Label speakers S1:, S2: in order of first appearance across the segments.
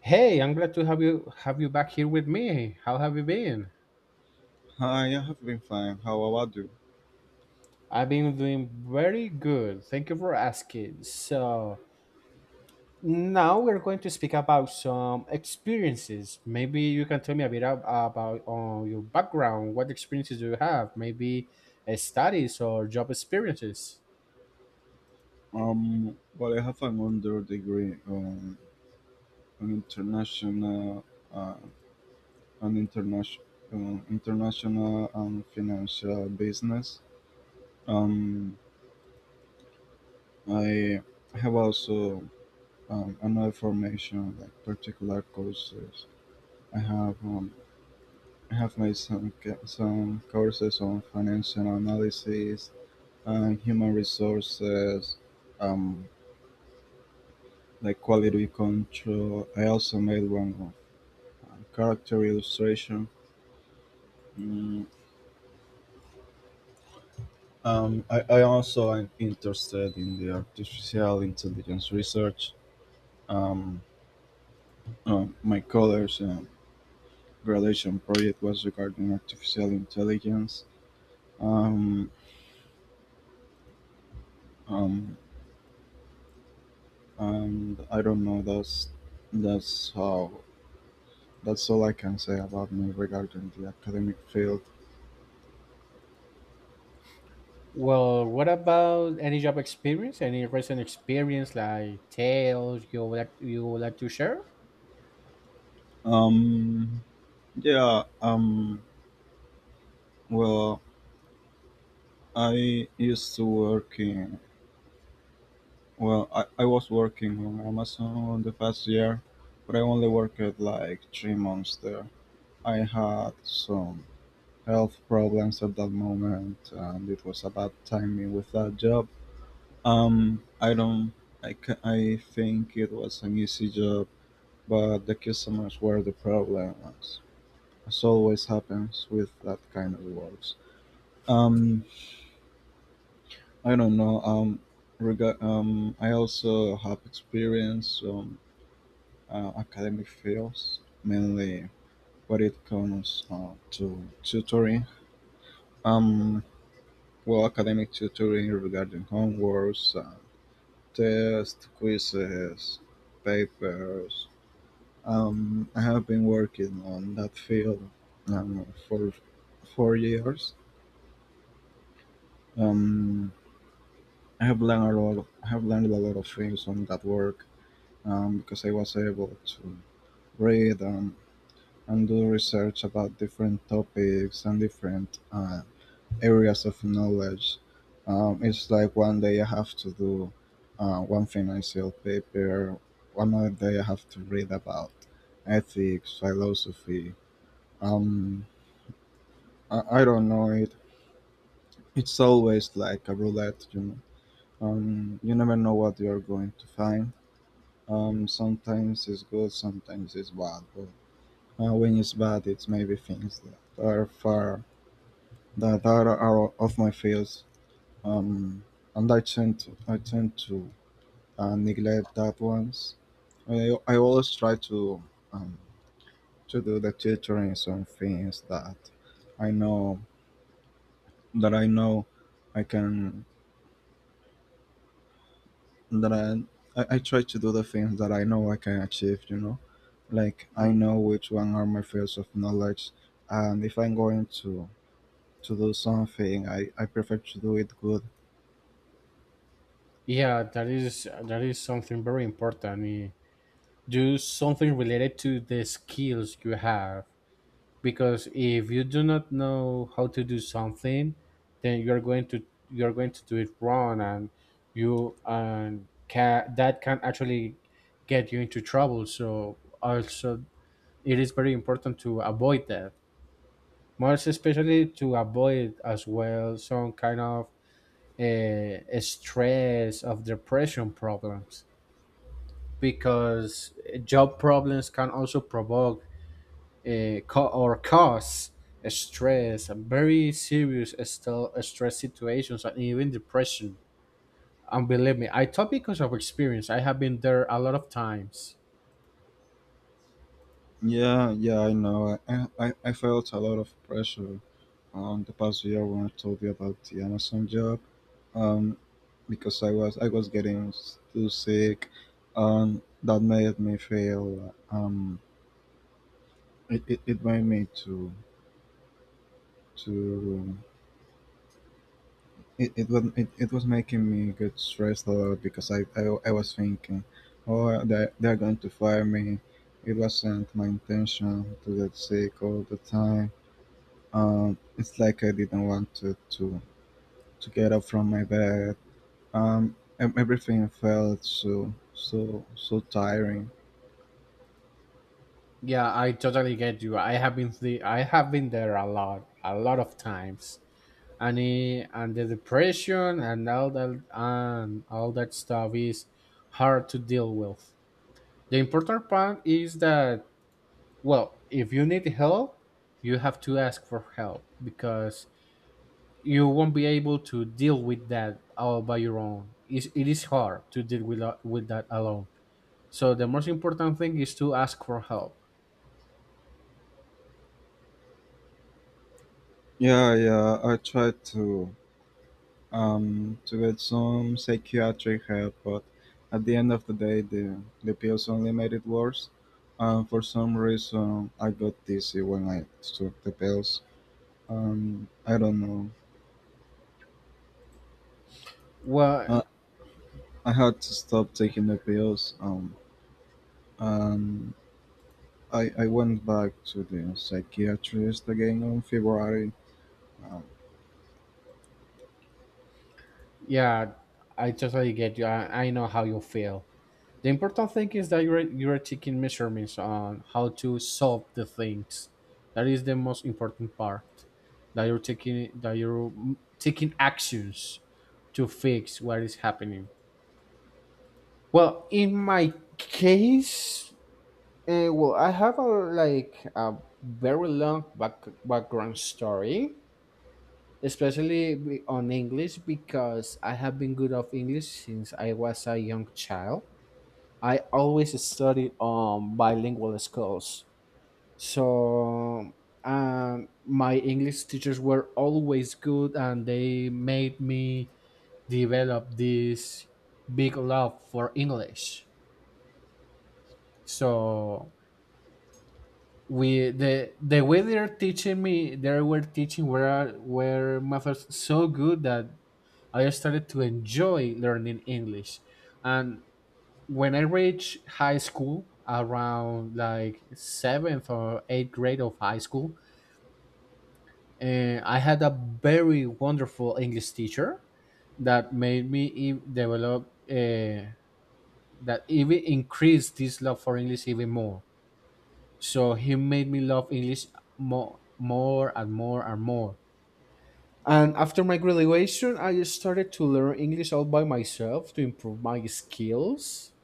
S1: Hey, I'm glad to have you back here with me. How have you been?
S2: Hi, I have been fine. How about you?
S1: I've been doing very good. Thank you for asking. So now we're going to speak about some experiences. Maybe you can tell me a bit about your background. What experiences do you have? Maybe studies or job experiences.
S2: Well, I have an under degree on an uh, an international, international and financial business. Um, I have also another formation, like particular courses. I have um, I have made some courses on financial analysis and human resources. Um, like quality control. I also made one of character illustration. Mm, I also am interested in the artificial intelligence research. Um, my college graduation project was regarding artificial intelligence. Um, um, and I don't know. That's how that's all I can say about me regarding the academic field.
S1: Well, what about any job experience? Any recent experience like tales you would like to share?
S2: Um, yeah. Well, I used to working. Well, I was working on Amazon the past year, but I only worked like 3 months there. I had some health problems at that moment, and it was a bad timing with that job. I don't. I think it was an easy job, but the customers were the problem, as always happens with that kind of works. Um, I don't know. I also have experience academic fields, mainly when it comes to tutoring. Um, well, academic tutoring regarding homeworks, tests, quizzes, papers. I have been working on that field for 4 years. Um, I have learned a lot. I have learned a lot of things on that work, because I was able to read and do research about different topics and different areas of knowledge. It's like one day I have to do one financial paper, one other day I have to read about ethics, philosophy. Um, I don't know it. It's always like a roulette. You never know what you're going to find. Sometimes it's good, sometimes it's bad, but when it's bad, it's maybe things that are far, that are off my fields, um, and I tend to neglect that ones. I always try um, to do the tutoring on things that I know I know I can, that I try to do the things that I know I can achieve. You know, like I know which one are my fields of knowledge, and if I'm going to do something. I prefer to do it good.
S1: Yeah, that is something very important. Do something related to the skills you have, because if you do not know how to do something, then you're going to do it wrong, and you and can that can actually get you into trouble. So also it is very important to avoid that, most especially to avoid as well some kind of stress of depression problems, because job problems can also provoke or cause stress and very serious stress situations and even depression. And believe me, I talk because of experience. I have been there a lot of times.
S2: Yeah, yeah, I know. I felt a lot of pressure on the past year when I told you about the Amazon job. Um, because I was getting too sick, and that made me feel. It, it, it made me to It was making me get stressed a lot because I was thinking, oh they're going to fire me. It wasn't my intention to get sick all the time. It's like I didn't want to get up from my bed. Everything felt so so so tiring.
S1: Yeah, I totally get you. I have been there a lot of times, and the depression and all that stuff is hard to deal with. The important part is that, well, if you need help, you have to ask for help, because you won't be able to deal with that all by your own. It is hard to deal with that alone. So the most important thing is to ask for help.
S2: Yeah, yeah. I tried to get some psychiatric help, but at the end of the day, the pills only made it worse. And for some reason, I got dizzy when I took the pills. I don't know.
S1: Well,
S2: I, I had to stop taking the pills. And I went back to the psychiatrist again on February. Um,
S1: yeah, I totally get you. I know how you feel. The important thing is that you're taking measurements on how to solve the things. That is the most important part. That you're, mm, taking actions to fix what is happening. Well, in my case, well, I have a like a very background story, especially on English, because I have been good of English since I was a young child. I always studied on bilingual schools, so my English teachers were always good, and they made me develop this big love for English. So we the way they're teaching me they were teaching were methods so good that I started to enjoy learning English. And when I reached high school, around like seventh or eighth grade of high school, I had a very wonderful English teacher that made me e- develop that even increased this love for English even more. So he made me love English more, and more. And after my graduation, I started to learn English all by myself to improve my skills,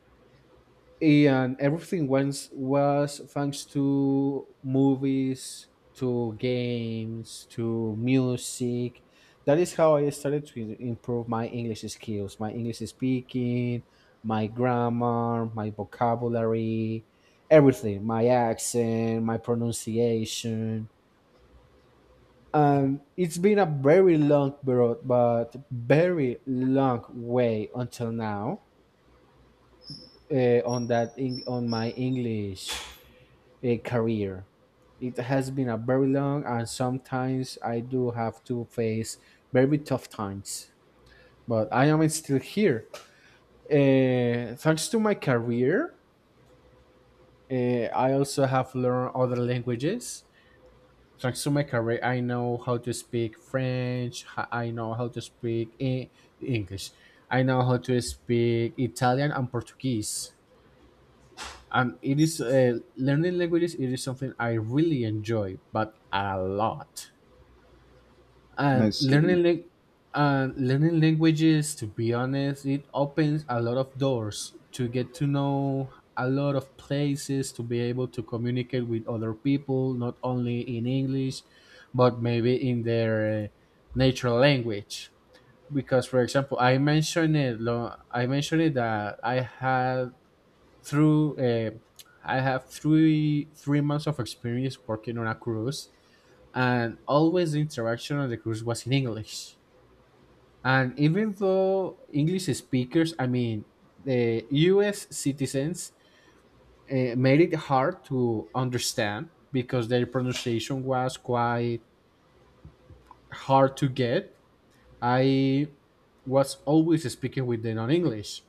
S1: and everything once was thanks to movies, to games, to music. That is how I started to improve my English skills, my English speaking, my grammar, my vocabulary, everything, my accent, my pronunciation. And it's been a very long road, but very long way until now on my English a career. It has been a very long, and sometimes I do have to face very tough times. But I am still here. Thanks to my career, I also have learned other languages. Thanks to my career, I know how to speak French. I know how to speak English. I know how to speak Italian and Portuguese. And it is, learning languages, it is something I really enjoy, but a lot. And
S2: I see,
S1: learning languages, to be honest, it opens a lot of doors, to get to know a lot of places, to be able to communicate with other people not only in English but maybe in their natural language. Because for example, I mentioned it that I had through I have three months of experience working on a cruise, and always the interaction on the cruise was in English. And even though English speakers, I mean, the U.S. citizens made it hard to understand because their pronunciation was quite hard to get. I was always speaking with them on English,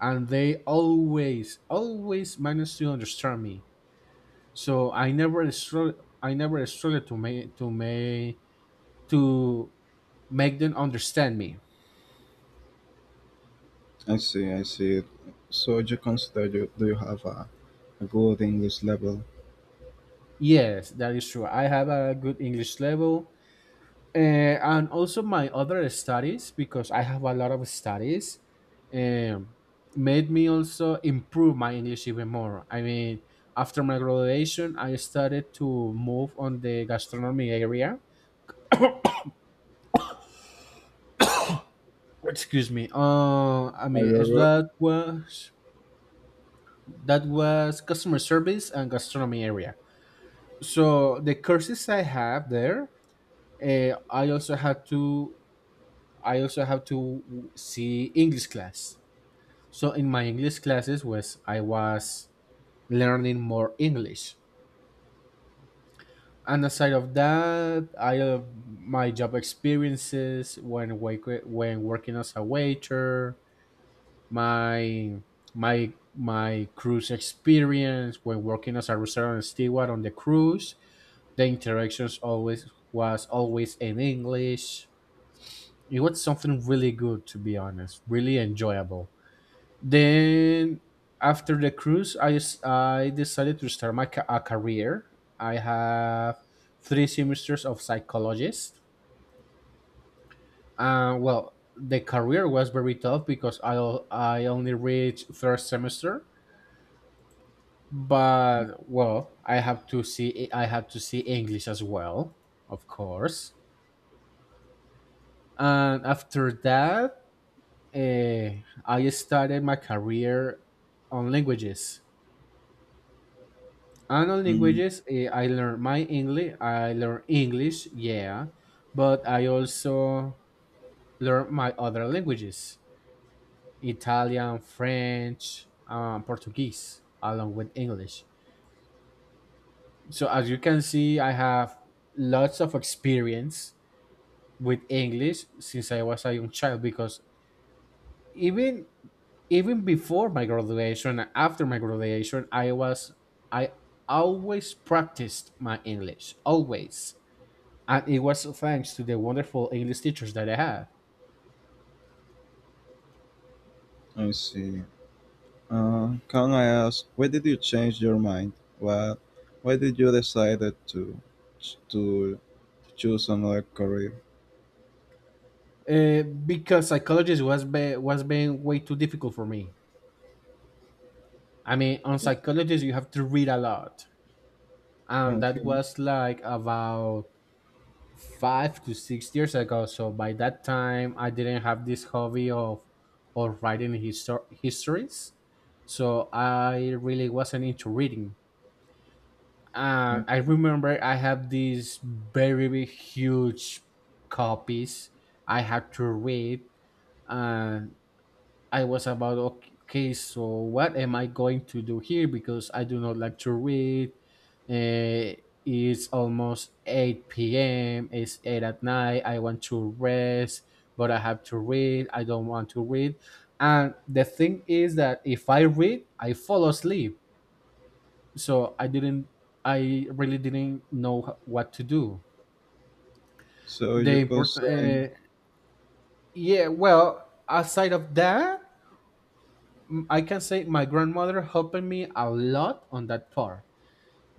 S1: and they always, always managed to understand me. So I never struggled. I never struggled to to make them understand me.
S2: I see, I see. So you consider do you have a good English level?
S1: Yes, that is true. I have a good English level. And also my other studies, because I have a lot of studies, um, made me also improve my English even more. I mean, after my graduation, I started to move on the gastronomy area. Excuse me. I
S2: Are
S1: mean,
S2: you
S1: is
S2: good?
S1: that was customer service and gastronomy area. So the courses I have there, uh, I also had to I also have to see English class. So in my English classes was I was learning more English. And aside of that, I my job experiences when when working as a waiter, my my cruise experience when working as a restaurant steward on the cruise, the interactions always in English. It was something really good, to be honest, really enjoyable. Then after the cruise, I decided to start my a career. I have three semesters of psychologist. Well, the career was very tough because I only reached first semester, but well, I have to see English as well, of course. And after that, I started my career on languages. Unknown
S2: Mm,
S1: languages, I learn my English. I learn English, yeah, but I also learn my other languages: Italian, French, Portuguese, along with English. So as you can see, I have lots of experience with English since I was a young child, because even even before my graduation and after my graduation, I was I always practiced my English always, and it was thanks to the wonderful English teachers that I had.
S2: I see. Can I ask, why did you change your mind? What, why did you decided to choose another career?
S1: Because psychology was was being way too difficult for me. I mean, on psychology you have to read a lot, and that
S2: Okay.
S1: was like about 5 to 6 years ago. So by that time, I didn't have this hobby of histories, so I really wasn't into reading. I
S2: Okay.
S1: remember I have these very big, huge copies I had to read, and I was about, okay, okay, so what am I going to do here? Because I do not like to read. Uh, it's almost 8 p.m. It's 8 at night. I want to rest, but I have to read. I don't want to read. And the thing is that if I read, I fall asleep. So i didn't i really didn't know what to do.
S2: So
S1: The
S2: you could
S1: important
S2: say,
S1: yeah, well, aside of that, I can say my grandmother helped me a lot on that part,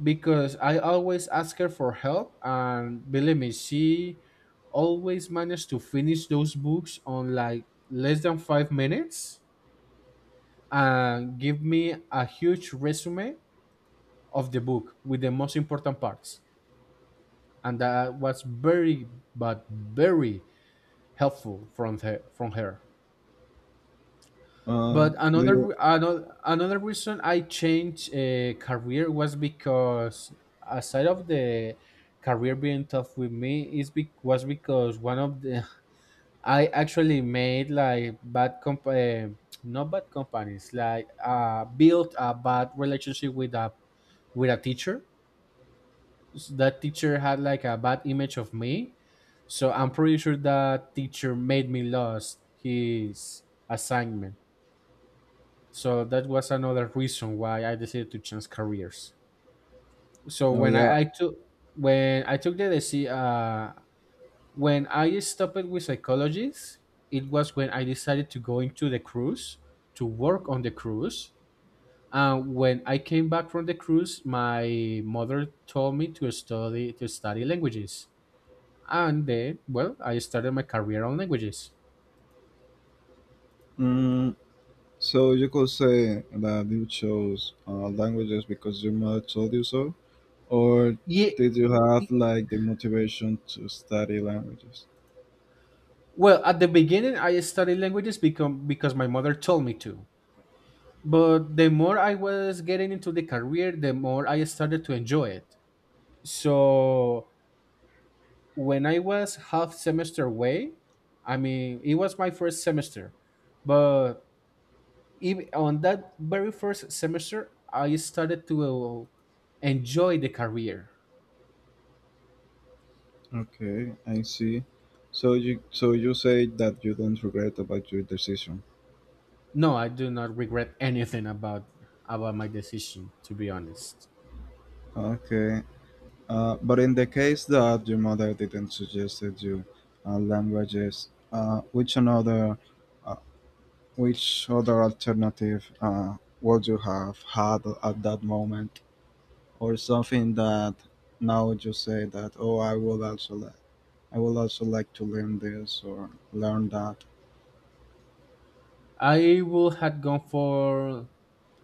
S1: because I always ask her for help, and believe me, she always managed to finish those books on like less than 5 minutes, and give me a huge resume of the book with the most important parts. And that was very, but very helpful from from her. But
S2: do
S1: another
S2: you?
S1: another another reason I changed career was because, aside of the career being tough with me, was because one of the, I actually made like bad comp not bad companies, like uh, built a bad relationship with a teacher. That teacher had like a bad image of me. So I'm pretty sure that teacher made me lost his assignment. So that was another reason why I decided to change careers. So
S2: Oh
S1: when
S2: yeah.
S1: I, I took when I took the deci- when I stopped with psychologists, it was when I decided to go into the cruise to work on the cruise. And when I came back from the cruise, my mother told me to study languages. And then, well, I started my career on languages.
S2: Mm, so you could say that you chose languages because your mother told you so, or
S1: Yeah,
S2: did you have like the motivation to study languages?
S1: well, at the beginning I studied languages become because my mother told me to, but the more I was getting into the career, the more I started to enjoy it. So when I was half semester away, I mean, it was my first semester, but even on that very first semester I started to enjoy the career.
S2: Okay, I see. So you say that you don't regret about your decision.
S1: No, I do not regret anything about my decision. To be honest,
S2: Okay. But in the case that your mother didn't suggested you languages, uh, which other alternative would you have had at that moment, or something that now you say that, oh, I would also like to learn this or learn that.
S1: I would have gone for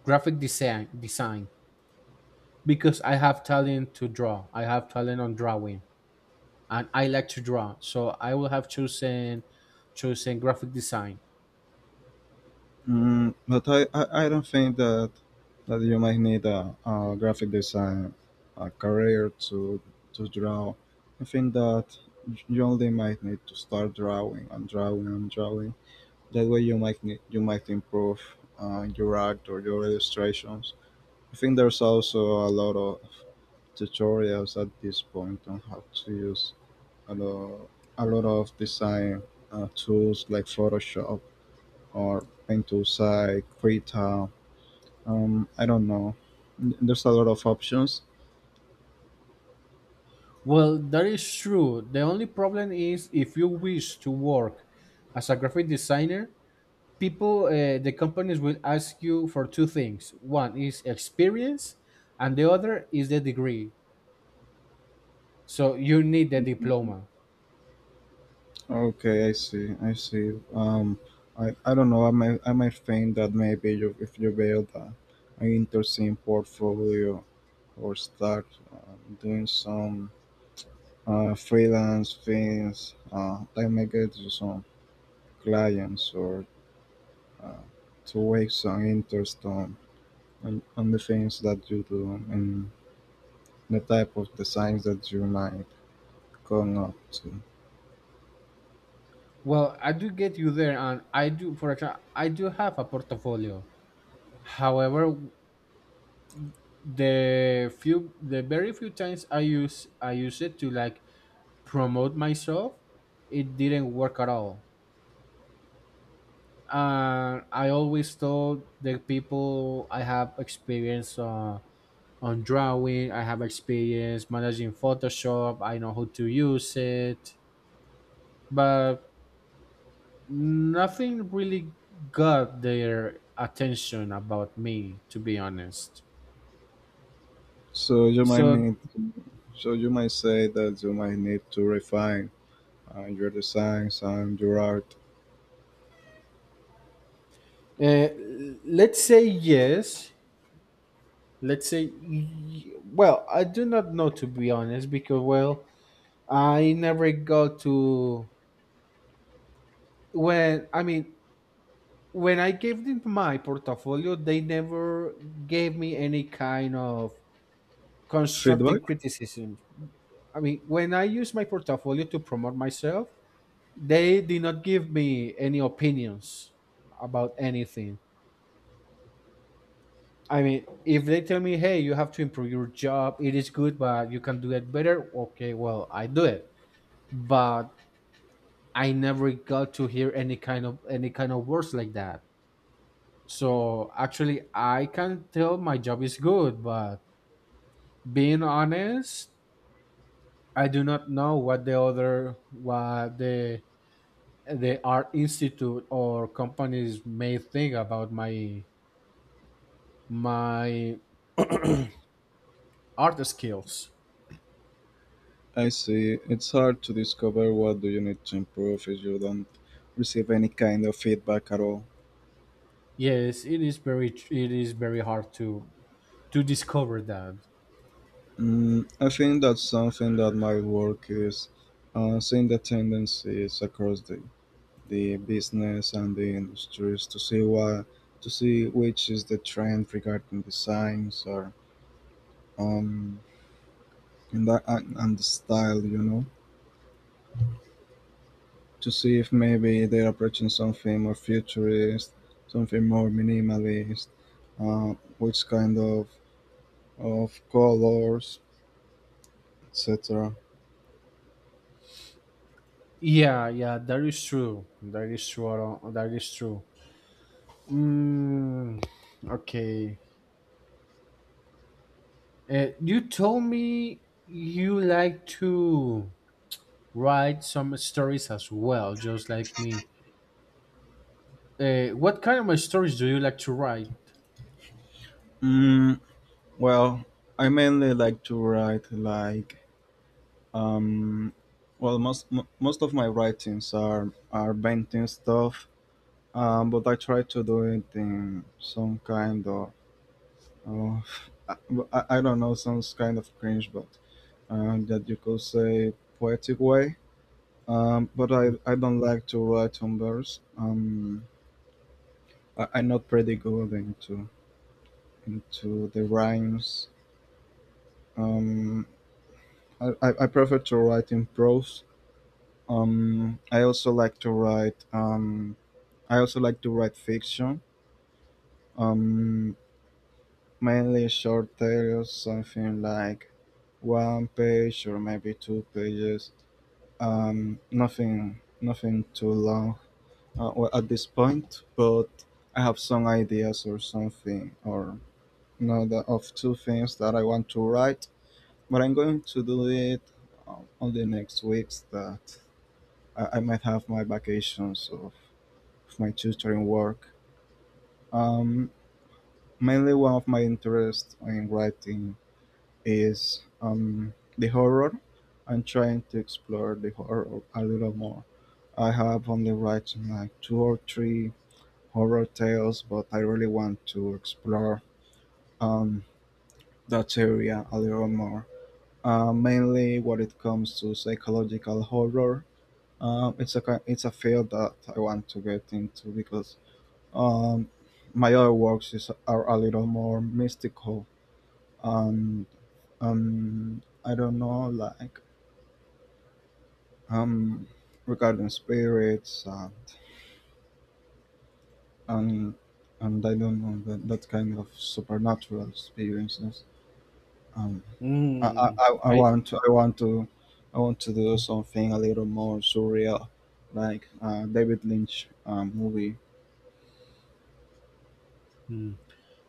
S1: graphic design design, because I have talent to draw. I have talent on drawing, and I like to draw. So I would have chosen graphic design.
S2: But I don't think that you might need a graphic design a career to draw. I think that you only might need to start drawing and drawing and drawing. That way you might improve your art or your illustrations. I think there's also a lot of tutorials at this point on how to use a lot, a lot of design tools like Photoshop or Paint to Site, Krita. I don't know. There's a lot of options.
S1: Well, that is true. The only problem is, if you wish to work as a graphic designer, people the companies will ask you for two things: one is experience, and the other is the degree. So you need the diploma.
S2: Okay, I see. I see. I don't know. I might think that maybe if you build an interesting portfolio or start doing some freelance things, that may get you some clients or uh, to wake some interest on the things that you do and the type of designs that you might come up to.
S1: Well, I do get you there, and I do, for example, I do have a portfolio. However, the very few times I use it to like promote myself, it didn't work at all. And I always told the people, I have experience, on drawing. I have experience managing Photoshop. I know how to use it, but nothing really got their attention about me, to be honest.
S2: So you might
S1: So
S2: need, so you might say that you might need to refine your designs and your art.
S1: uh, let's say yes. Let's say, well, I do not know, to be honest, because, well, I never got to when I mean when I gave them my portfolio, they never gave me any kind of constructive
S2: Feedback.
S1: criticism. I mean, when I use my portfolio to promote myself, they did not give me any opinions about anything. I mean, if they tell me, hey, you have to improve your job, it is good, but you can do it better, okay, well, I do it. But I never got to hear any kind of words like that. So actually I can tell my job is good, but being honest, I do not know what the other what the art institute or companies may think about my my art skills.
S2: I see. It's hard to discover what do you need to improve if you don't receive any kind of feedback at all.
S1: Yes, it is very it is very hard to discover that.
S2: I think that's something that might work is seeing the tendencies across the business and the industries to see what to see which is the trend regarding designs or um, in that, and the style, to see if maybe they're approaching something more futurist, something more minimalist, which kind of colors, etc.
S1: Yeah, yeah, that is true, Aaron, that is true. Mm, okay, you told me you like to write some stories as well, just like me. What kind of stories do you like to write?
S2: Mm, well, I mainly like to write like, um, well, most of my writings are painting stuff, but I try to do it in some kind of, I don't know, sounds kind of cringe, but that you could say poetic way. But I don't like to write on verse. I'm not pretty good into the rhymes. Um, I prefer to write in prose. I also like to write. I also like to write fiction. Um, Mainly short tales, something like one page or maybe two pages. Nothing too long, well, at this point, but I have some ideas or something, or of two things that I want to write. But I'm going to do it on the next weeks that I might have my vacations of my tutoring work. Um, Mainly, one of my interests in writing is the horror. I'm trying to explore the horror a little more. I have only written like two or three horror tales, but I really want to explore um, that area a little more. Mainly when it comes to psychological horror, it's a field that I want to get into, because um, my other works are a little more mystical, and, I don't know, like, um, regarding spirits and, and, and I don't know, that kind of supernatural experiences. Um, I, I,
S1: Mm,
S2: I I
S1: I
S2: want I want to do something a little more surreal, like David Lynch, movie.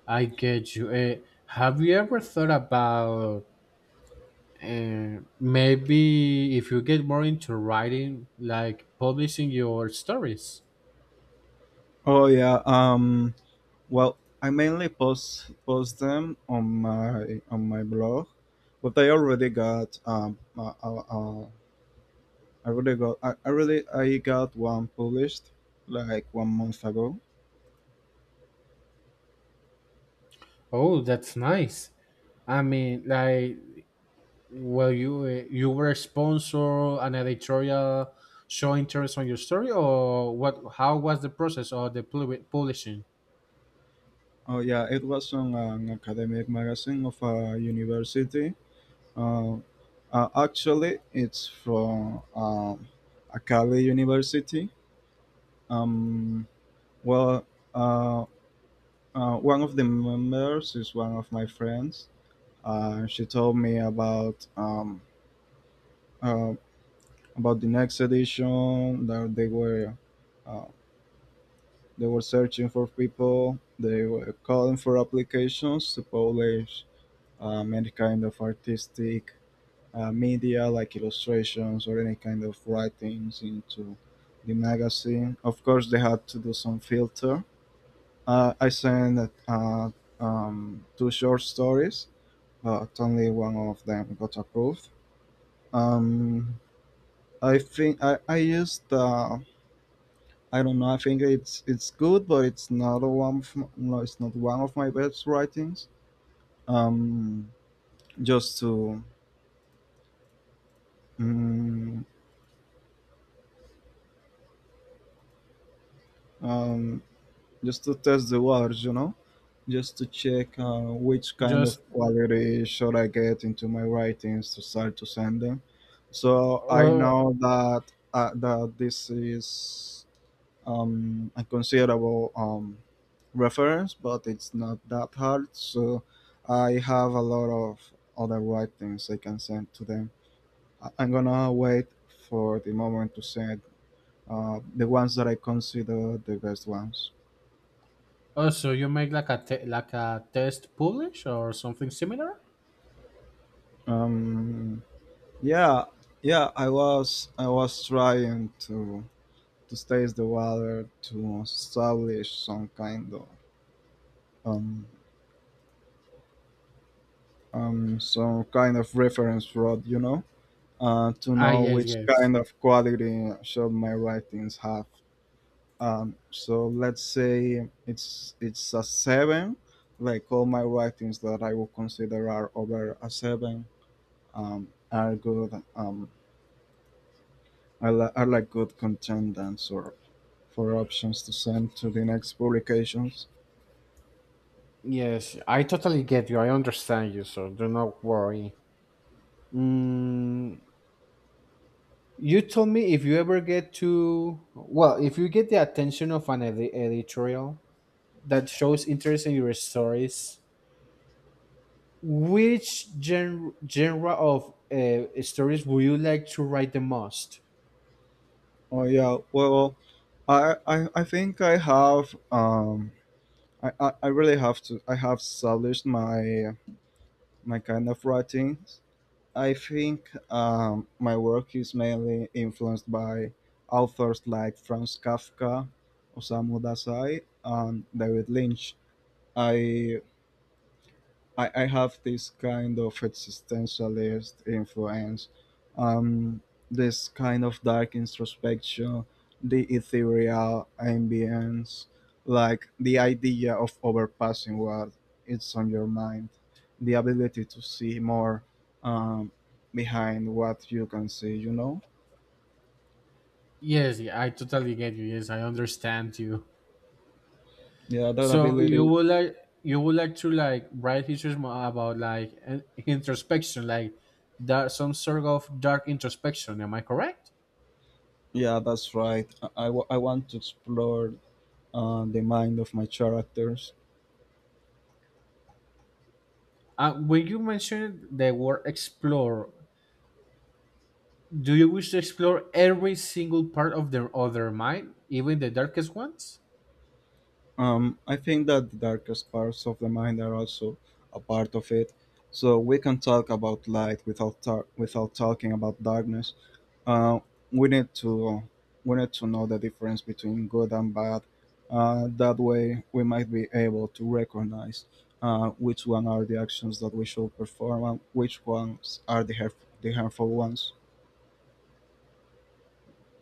S1: I get you. Have you ever thought about, maybe if you get more into writing, like publishing your stories?
S2: Oh yeah. Well, I mainly post them on my blog, but I already got. I really got. I really I got one published like one month ago.
S1: Oh, that's nice. I mean, like, well, you you were a sponsor, an editorial show interest on your story, or what? How was the process of the publishing?
S2: Oh yeah, it was on an academic magazine of a university. Uh, Actually, it's from Akali University. Um, well, uh, One of the members is one of my friends. She told me about, uh, about the next edition that they were, uh, they were searching for people. They were calling for applications to publish any kind of artistic media like illustrations or any kind of writings into the magazine. Of course, they had to do some filter. I sent, two short stories, but only one of them got approved. Um, I think I used, I don't know. I think it's good, but it's not a one. Of no, it's not one of my best writings. Um, just to, mm, um, just to test the waters, just to check, which kind of
S1: Just
S2: quality should I get into my writings to start to send them. So I
S1: uh,
S2: know that, that this is a considerable, reference, but it's not that hard. So I have a lot of other writings I can send to them. I'm gonna wait for the moment to send the ones that I consider the best ones.
S1: also, you make like a like a test publish or something similar?
S2: Um, Yeah, yeah, I was trying to taste the water to establish um some kind of reference rod, to
S1: Ah,
S2: know
S1: yes,
S2: which
S1: yes.
S2: kind of quality should my writings have. So let's say it's a seven, like all my writings that I would consider are over a seven, are good, are like good contenders or for options to send to the next publications.
S1: Yes, I totally get you. I understand you, so do not worry. Mm, you told me if you ever get to, well, if you get the attention of an editorial that shows interest in your stories, which genre of stories would you like to write the most?
S2: Oh yeah, well, I think I have, I really, have to I have established my kind of writings. I think my work is mainly influenced by authors like Franz Kafka, Osamu Dazai, and David Lynch. I I have this kind of existentialist influence, um, this kind of dark introspection, the ethereal ambience, like the idea of overpassing what is on your mind, the ability to see more, um, behind what you can see, you know?
S1: Yes, yeah, I totally get you. Yes, I understand you.
S2: Yeah, that
S1: So you
S2: ability.
S1: would like to like write histories more about like an introspection, like that, some sort of dark introspection. Am I correct?
S2: Yeah, that's right. I want to explore the mind of my characters.
S1: When you mentioned the word explore, do you wish to explore every single part of their other mind, even the darkest ones?
S2: I think that the darkest parts of the mind are also a part of it. So we can talk about light without talking about darkness. Uh, we need to we need to know the difference between good and bad. That way, we might be able to recognize, which one are the actions that we should perform and which ones are the harmful ones.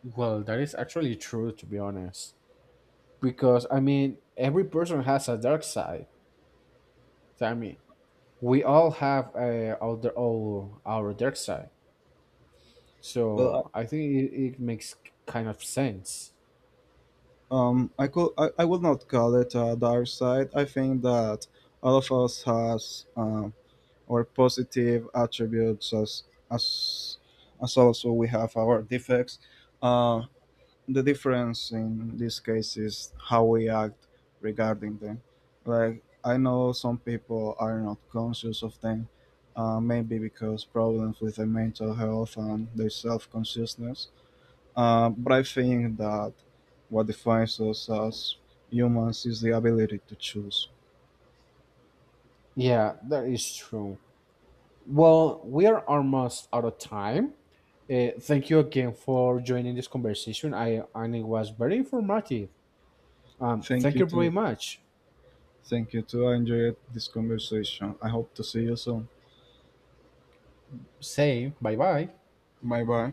S1: Well, that is actually true, to be honest. Because I mean, every person has a dark side. So, I mean, we all have our dark side.
S2: Well,
S1: So
S2: I-
S1: I think it makes kind of sense.
S2: um, I could I, I would not call it a dark side. I think that all of us has. Or positive attributes as, as also we have our defects. Uh, the difference in this case is how we act regarding them. Like I know some people are not conscious of them, maybe because problems with their mental health and their self-consciousness. But I think that what defines us as humans is the ability to choose.
S1: Yeah, that is true. Well, we are almost out of time. Thank you again for joining this conversation. I and It was very informative.
S2: Thank
S1: Thank
S2: you
S1: you very
S2: to
S1: much.
S2: Thank you too. I enjoyed this conversation. I hope to see you soon.
S1: Say bye bye.
S2: Bye bye.